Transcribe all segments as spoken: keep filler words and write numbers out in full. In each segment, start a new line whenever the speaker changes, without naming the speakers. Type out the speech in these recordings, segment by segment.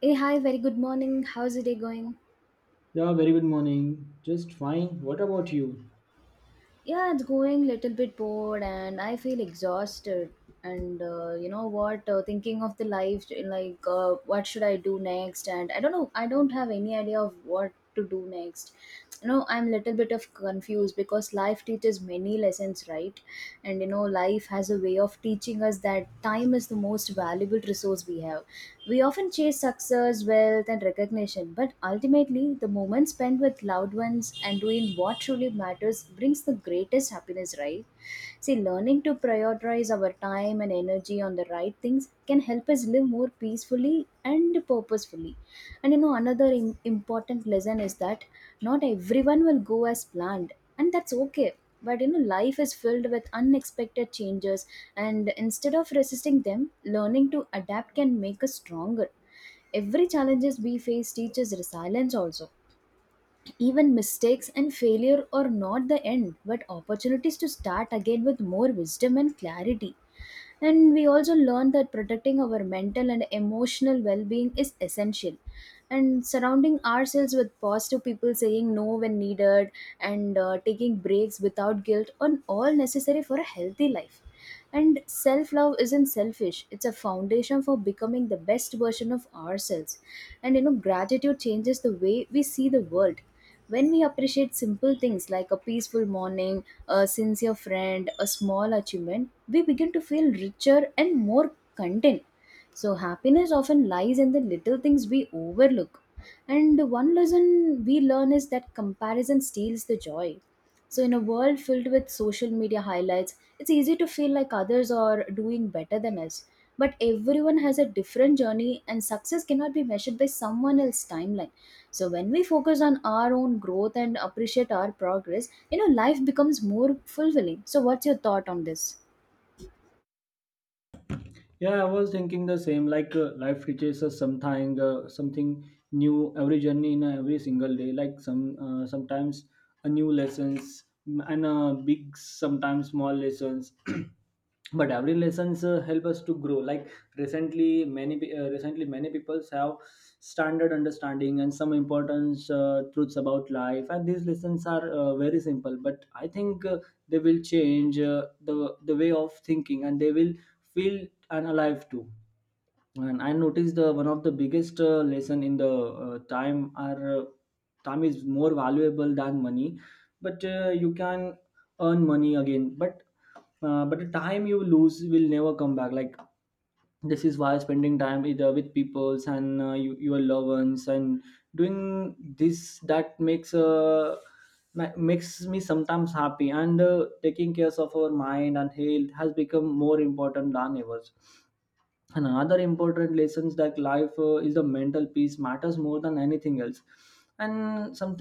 Hey, hi, very good morning. How's the day going?
Yeah, very good morning. Just fine. What about you?
Yeah, it's going little bit bored and I feel exhausted. And uh, you know what, uh, thinking of the life like, uh, what should I do next? And I don't know, I don't have any idea of what to do next. You know, I'm little bit of confused because life teaches many lessons, right? And you know, life has a way of teaching us that time is the most valuable resource we have. We often chase success, wealth and recognition, but ultimately the moment spent with loved ones and between what truly matters brings the greatest happiness, right? See, learning to prioritize our time and energy on the right things can help us live more peacefully and purposefully. And you know, another im- important lesson is that not everyone will go as planned, and that's okay. But you know, life is filled with unexpected changes, and instead of resisting them, learning to adapt can make us stronger. Every challenges we face teaches resilience also, even mistakes and failure are not the end, but opportunities to start again with more wisdom and clarity. And we also learn that protecting our mental and emotional well being is essential. And surrounding ourselves with positive people, saying no when needed, and uh, taking breaks without guilt are all necessary for a healthy life. And self love isn't selfish, it's a foundation for becoming the best version of ourselves. And you know, gratitude changes the way we see the world. When we appreciate simple things like a peaceful morning, a sincere friend, a small achievement, we begin to feel richer and more content. So, happiness often lies in the little things we overlook. And one lesson we learn is that comparison steals the joy. So, in a world filled with social media highlights, it's easy to feel like others are doing better than us. But everyone has a different journey, and success cannot be measured by someone else's timeline. So, when we focus on our own growth and appreciate our progress, you know, life becomes more fulfilling. So, what's your thought on this?
Yeah, I was thinking the same. Like uh, life teaches us something, uh, something new every journey in every single day. Like some uh, sometimes a new lessons and uh, big sometimes small lessons. But every lessons uh, help us to grow. Like recently many pe- uh, recently many people have standard understanding and some important uh, truths about life, and these lessons are uh, very simple, but i think uh, they will change uh, the the way of thinking, and they will feel and alive too. And I noticed the one of the biggest uh, lesson in the uh, time are uh, time is more valuable than money, but uh, you can earn money again. But uh, but the time you lose will never come back. Like this is why spending time either with peoples and uh, you, your loved ones, and doing this that makes uh, ma- makes me sometimes happy, and uh, taking care of our mind and health has become more important than ever. And another important lessons that life uh, is the mental peace matters more than anything else. And some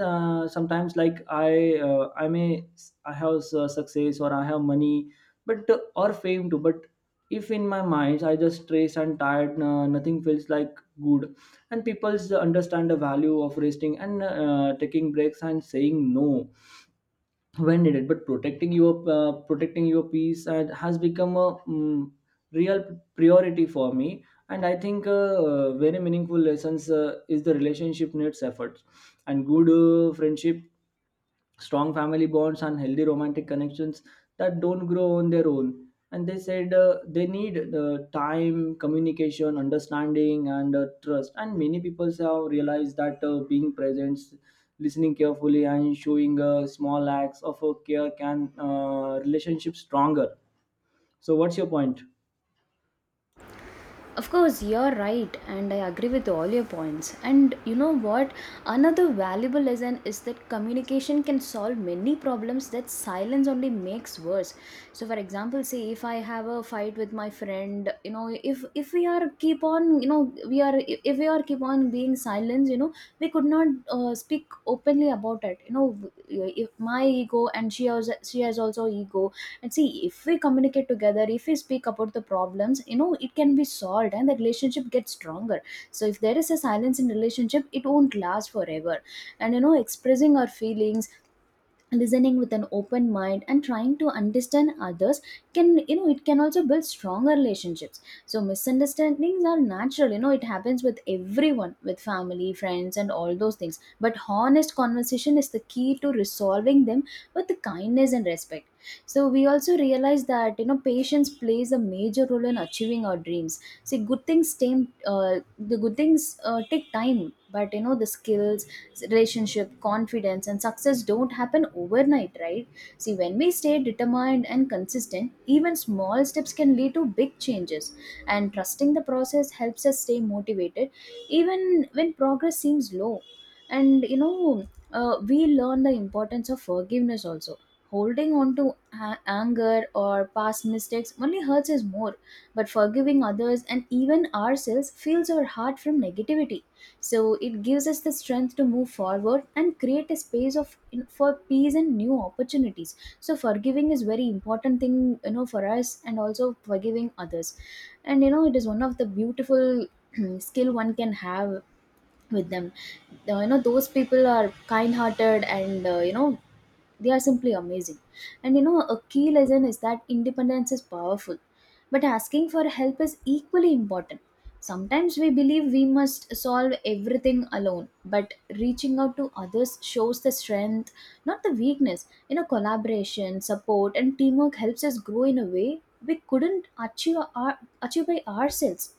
sometimes like I, uh, I may, I have uh, success, or I have money, but uh, or fame too. But if in my mind I just stressed and tired, uh, nothing feels like good. And people understand the value of resting, and uh, taking breaks, and saying no when needed. But protecting your uh, protecting your peace and has become a mm, real priority for me. And i think uh, very meaningful lessons uh, is the relationship needs efforts and good uh, friendship, strong family bonds, and healthy romantic connections that don't grow on their own. And they said uh, they need the time, communication, understanding, and uh, trust. And many people have realized that uh, being present, listening carefully, and showing uh, small acts of uh, care can uh, relationship stronger. So what's your point?
Of course, you're right, and I agree with all your points. And you know what? Another valuable lesson is that communication can solve many problems that silence only makes worse. So, for example, say if I have a fight with my friend, you know, if if we are keep on, you know, we are if we are keep on being silent, you know, we could not uh, speak openly about it. You know, if my ego and she has she has also ego, and see if we communicate together, if we speak about the problems, you know, it can be solved and the relationship gets stronger. So if there is a silence in relationship, it won't last forever. And you know, expressing our feelings, listening with an open mind and trying to understand others can, you know, it can also build stronger relationships. So misunderstandings are natural, you know, it happens with everyone, with family, friends and all those things, but honest conversation is the key to resolving them with kindness and respect. So we also realize that, you know, patience plays a major role in achieving our dreams. See, good things take uh, the good things uh, take time. But you know, the skills, relationship, confidence and success don't happen overnight, right? See, when we stay determined and consistent, even small steps can lead to big changes. And trusting the process helps us stay motivated even when progress seems low. And you know, uh, we learn the importance of forgiveness also. Holding on to a- anger or past mistakes only hurts us more, but forgiving others and even ourselves fills our heart from negativity. So it gives us the strength to move forward and create a space of for peace and new opportunities. So forgiving is very important thing, you know, for us, and also forgiving others, and you know, it is one of the beautiful skill one can have with them. The- you know, those people are kind-hearted, and uh, you know, they are simply amazing. And you know, a key lesson is that independence is powerful, but asking for help is equally important. Sometimes we believe we must solve everything alone, but reaching out to others shows the strength, not the weakness. You know, collaboration, support, and teamwork helps us grow in a way we couldn't achieve, our, achieve by ourselves.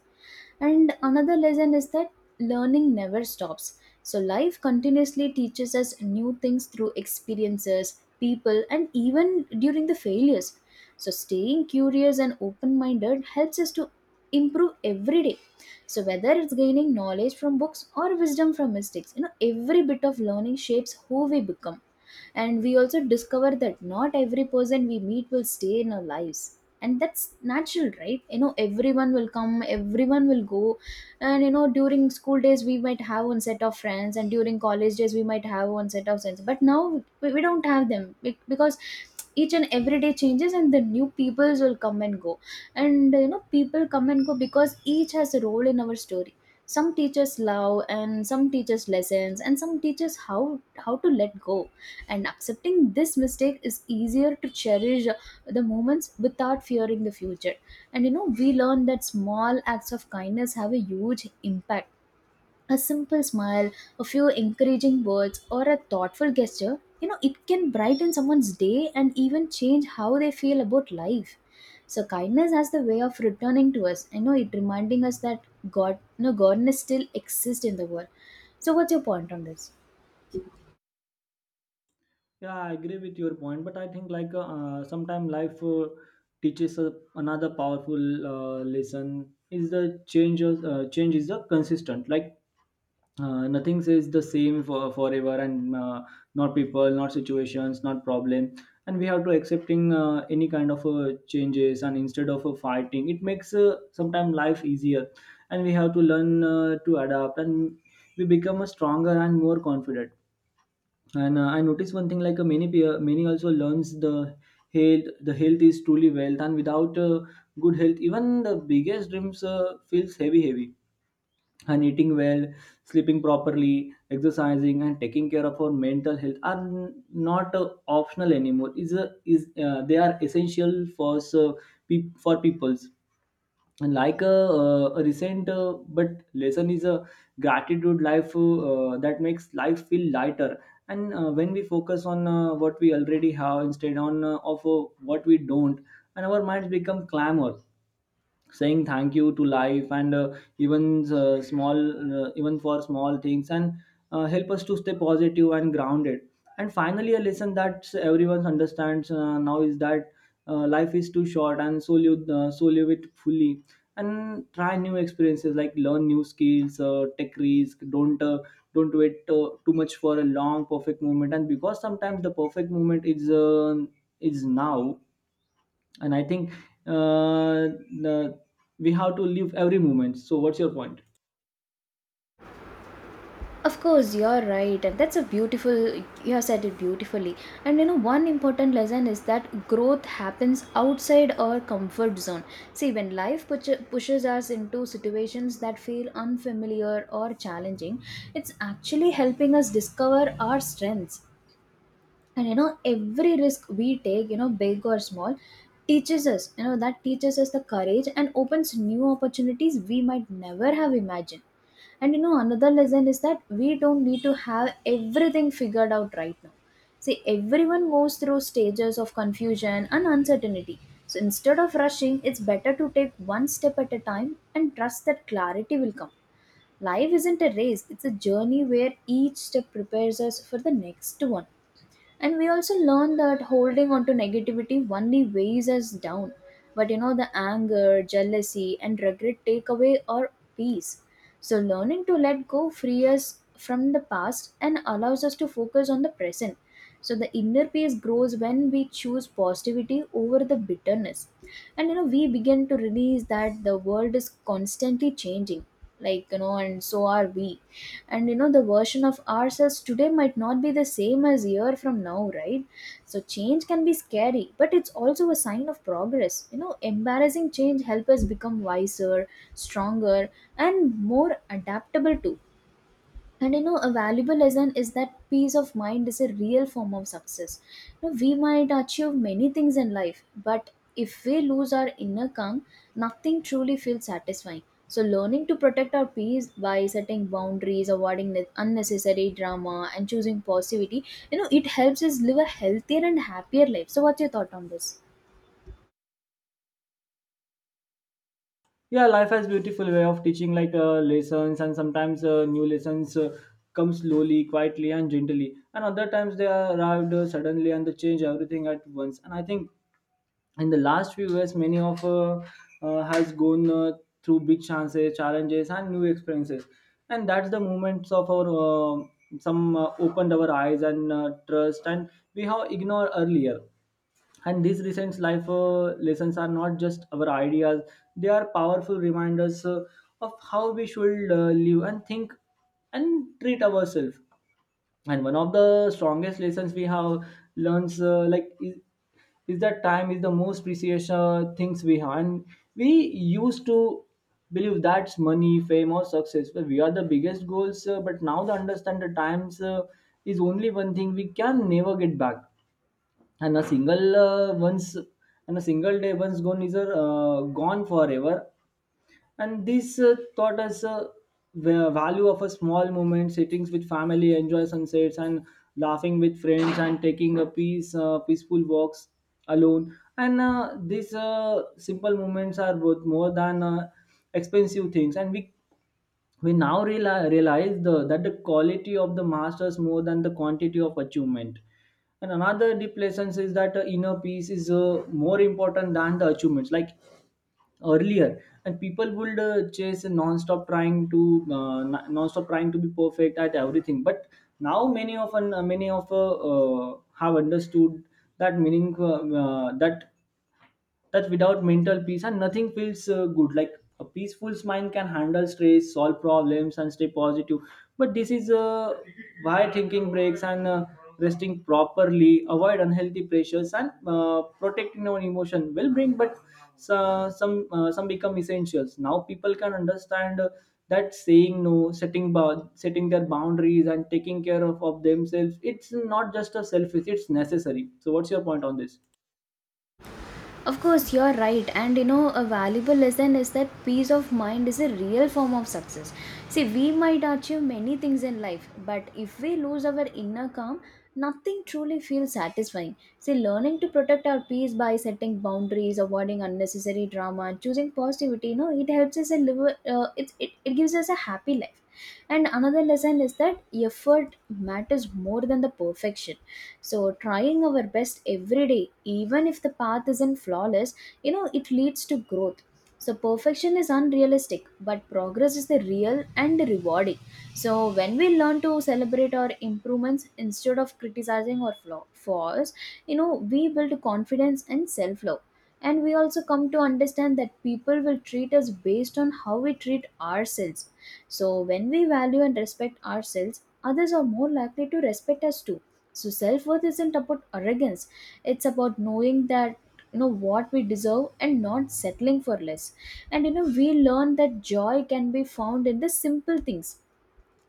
And another lesson is that learning never stops. So life continuously teaches us new things through experiences, people, and even during the failures. So staying curious and open-minded helps us to improve every day. So whether it's gaining knowledge from books or wisdom from mistakes, you know, every bit of learning shapes who we become. And we also discover that not every person we meet will stay in our lives, and that's natural, right? You know, everyone will come, everyone will go. And you know, during school days we might have one set of friends, and during college days we might have one set of friends, but now we, we don't have them be- because each and every day changes and the new peoples will come and go. And you know, people come and go because each has a role in our story. Some teachers love, and some teachers lessons, and some teachers how how to let go, and accepting this mistake is easier to cherish the moments without fearing the future. And you know, we learn that small acts of kindness have a huge impact. A simple smile, a few encouraging words, or a thoughtful gesture, you know, it can brighten someone's day and even change how they feel about life. So kindness has the way of returning to us. I know it reminding us that God, you know, godness still exists in the world. So what's your point on this?
Yeah, I agree with your point, but I think like uh, sometimes life uh, teaches uh, another powerful uh, lesson is the changes. Uh, change is the consistent. Like uh, nothing says the same for forever, and uh, not people, not situations, not problem. And we have to accepting uh, any kind of uh, changes, and instead of uh, fighting, it makes uh, sometimes life easier. And we have to learn uh, to adapt, and we become a stronger and more confident. And uh, I noticed one thing, like uh, many pe- uh, many also learns the health the health is truly wealth, and without uh, good health, even the biggest dreams uh, feels heavy, heavy. And eating well, sleeping properly, exercising, and taking care of our mental health are n- not uh, optional anymore. Is a is uh, they are essential for so, pe- for peoples. And like a, uh, a recent uh, but lesson is a gratitude life uh, that makes life feel lighter. And uh, when we focus on uh, what we already have instead on uh, of uh, what we don't, and our minds become clamor, saying thank you to life, and uh, even uh, small uh, even for small things, and uh, help us to stay positive and grounded. And finally, a lesson that everyone understands uh, now is that uh, life is too short, and so live, uh, so live it fully and try new experiences, like learn new skills, uh, take risk. Don't uh, don't wait uh, too much for a long perfect moment, and because sometimes the perfect moment is uh, is now. And i think uh, the, we have to live every moment. So what's your point?
Of course, you're right. And that's a beautiful, you have said it beautifully. And you know, one important lesson is that growth happens outside our comfort zone. See, when life push- pushes us into situations that feel unfamiliar or challenging, it's actually helping us discover our strengths. And you know, every risk we take, you know, big or small, teaches us, you know, that teaches us the courage and opens new opportunities we might never have imagined. And you know, another lesson is that we don't need to have everything figured out right now. See, everyone goes through stages of confusion and uncertainty. So instead of rushing, it's better to take one step at a time and trust that clarity will come. Life isn't a race, it's a journey where each step prepares us for the next one. And we also learn that holding on to negativity only weighs us down. But you know, the anger, jealousy and regret take away our peace. So learning to let go free us from the past and allows us to focus on the present. So the inner peace grows when we choose positivity over the bitterness. And you know, we begin to release that the world is constantly changing, like, you know, and so are we. And you know, the version of ourselves today might not be the same as a year from now, right? So change can be scary, but it's also a sign of progress. You know, embarrassing change help us become wiser, stronger, and more adaptable too. And you know, a valuable lesson is that peace of mind is a real form of success. You know, we might achieve many things in life, but if we lose our inner calm, nothing truly feels satisfying. So learning to protect our peace by setting boundaries, avoiding the unnecessary drama and choosing positivity, you know, it helps us live a healthier and happier life. So what's your thought on this?
Yeah, life has beautiful way of teaching, like uh, lessons. And sometimes uh, new lessons uh, come slowly, quietly, and gently, and other times they arrived uh, suddenly and they change everything at once. And I think in the last few years, many of uh, uh, has gone uh, through big chances, challenges, and new experiences. And that's the moments of our uh, some uh, opened our eyes and uh, trust and we have ignored earlier. And these recent life uh, lessons are not just our ideas, they are powerful reminders uh, of how we should uh, live and think and treat ourselves. And one of the strongest lessons we have learns uh, like is, is that time is the most precious uh, things we have. And we used to believe that's money, fame, or success, but we are the biggest goals, uh, but now the understand the times uh, is only one thing we can never get back. And a single uh, once and a single day once gone is uh, gone forever. And this uh, taught us uh, the value of a small moment, sittings with family, enjoy sunsets, and laughing with friends, and taking a peace uh, peaceful walks alone. And uh, these uh, simple moments are worth more than uh, expensive things. And we we now reali- realize the, that the quality of the masters more than the quantity of achievement. And another deep lesson is that uh, inner peace is uh, more important than the achievements. Like earlier, and people would uh, chase a non-stop trying to uh, n- non-stop trying to be perfect at everything. But now many of un- many of uh, uh, have understood that meaning uh, uh, that that without mental peace and nothing feels uh, good. Like a peaceful mind can handle stress, solve problems, and stay positive. But this is uh, why thinking breaks and uh, resting properly, avoid unhealthy pressures, and uh, protecting our emotion will bring but so, some uh, some become essentials now. People can understand uh, that saying no, setting bou- setting their boundaries, and taking care of, of themselves, it's not just a selfish, it's necessary. So what's your point on this?
Of course, you're right. And you know, a valuable lesson is that peace of mind is a real form of success. See, we might achieve many things in life, but if we lose our inner calm, nothing truly feels satisfying. See, learning to protect our peace by setting boundaries, avoiding unnecessary drama, choosing positivity, you know, it helps us and live, a- uh, it, it, it gives us a happy life. And another lesson is that effort matters more than the perfection. So, trying our best every day, even if the path isn't flawless, you know, it leads to growth. So, perfection is unrealistic, but progress is the real and rewarding. So, when we learn to celebrate our improvements instead of criticizing our flaw- flaws, you know, we build confidence and self love. And we also come to understand that people will treat us based on how we treat ourselves. So, when we value and respect ourselves, others are more likely to respect us too. So, self worth isn't about arrogance, it's about knowing that, you know, what we deserve and not settling for less. And you know, we learn that joy can be found in the simple things,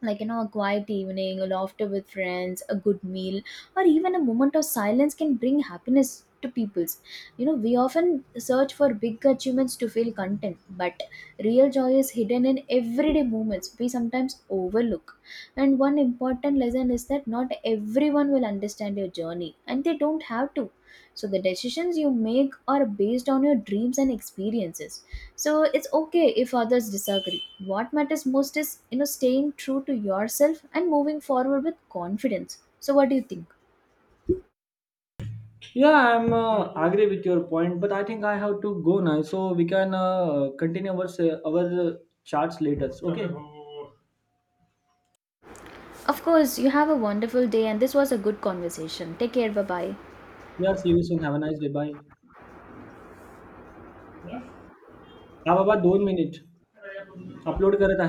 like, you know, a quiet evening, a laughter with friends, a good meal, or even a moment of silence can bring happiness to people's. You know, we often search for big achievements to feel content, but real joy is hidden in everyday moments we sometimes overlook. And one important lesson is that not everyone will understand your journey, and they don't have to. So the decisions you make are based on your dreams and experiences, so it's okay if others disagree. What matters most is, you know, staying true to yourself and moving forward with confidence. So what do you think?
Yeah, I'm uh, agree with your point, but I think I have to go now, so we can uh, continue our se- our uh, chats later. Okay.
Of course, you have a wonderful day, and this was a good conversation. Take care, bye bye.
Yeah, see you soon. Have a nice day. Bye. हा बाबा दोन minute upload करत आहे.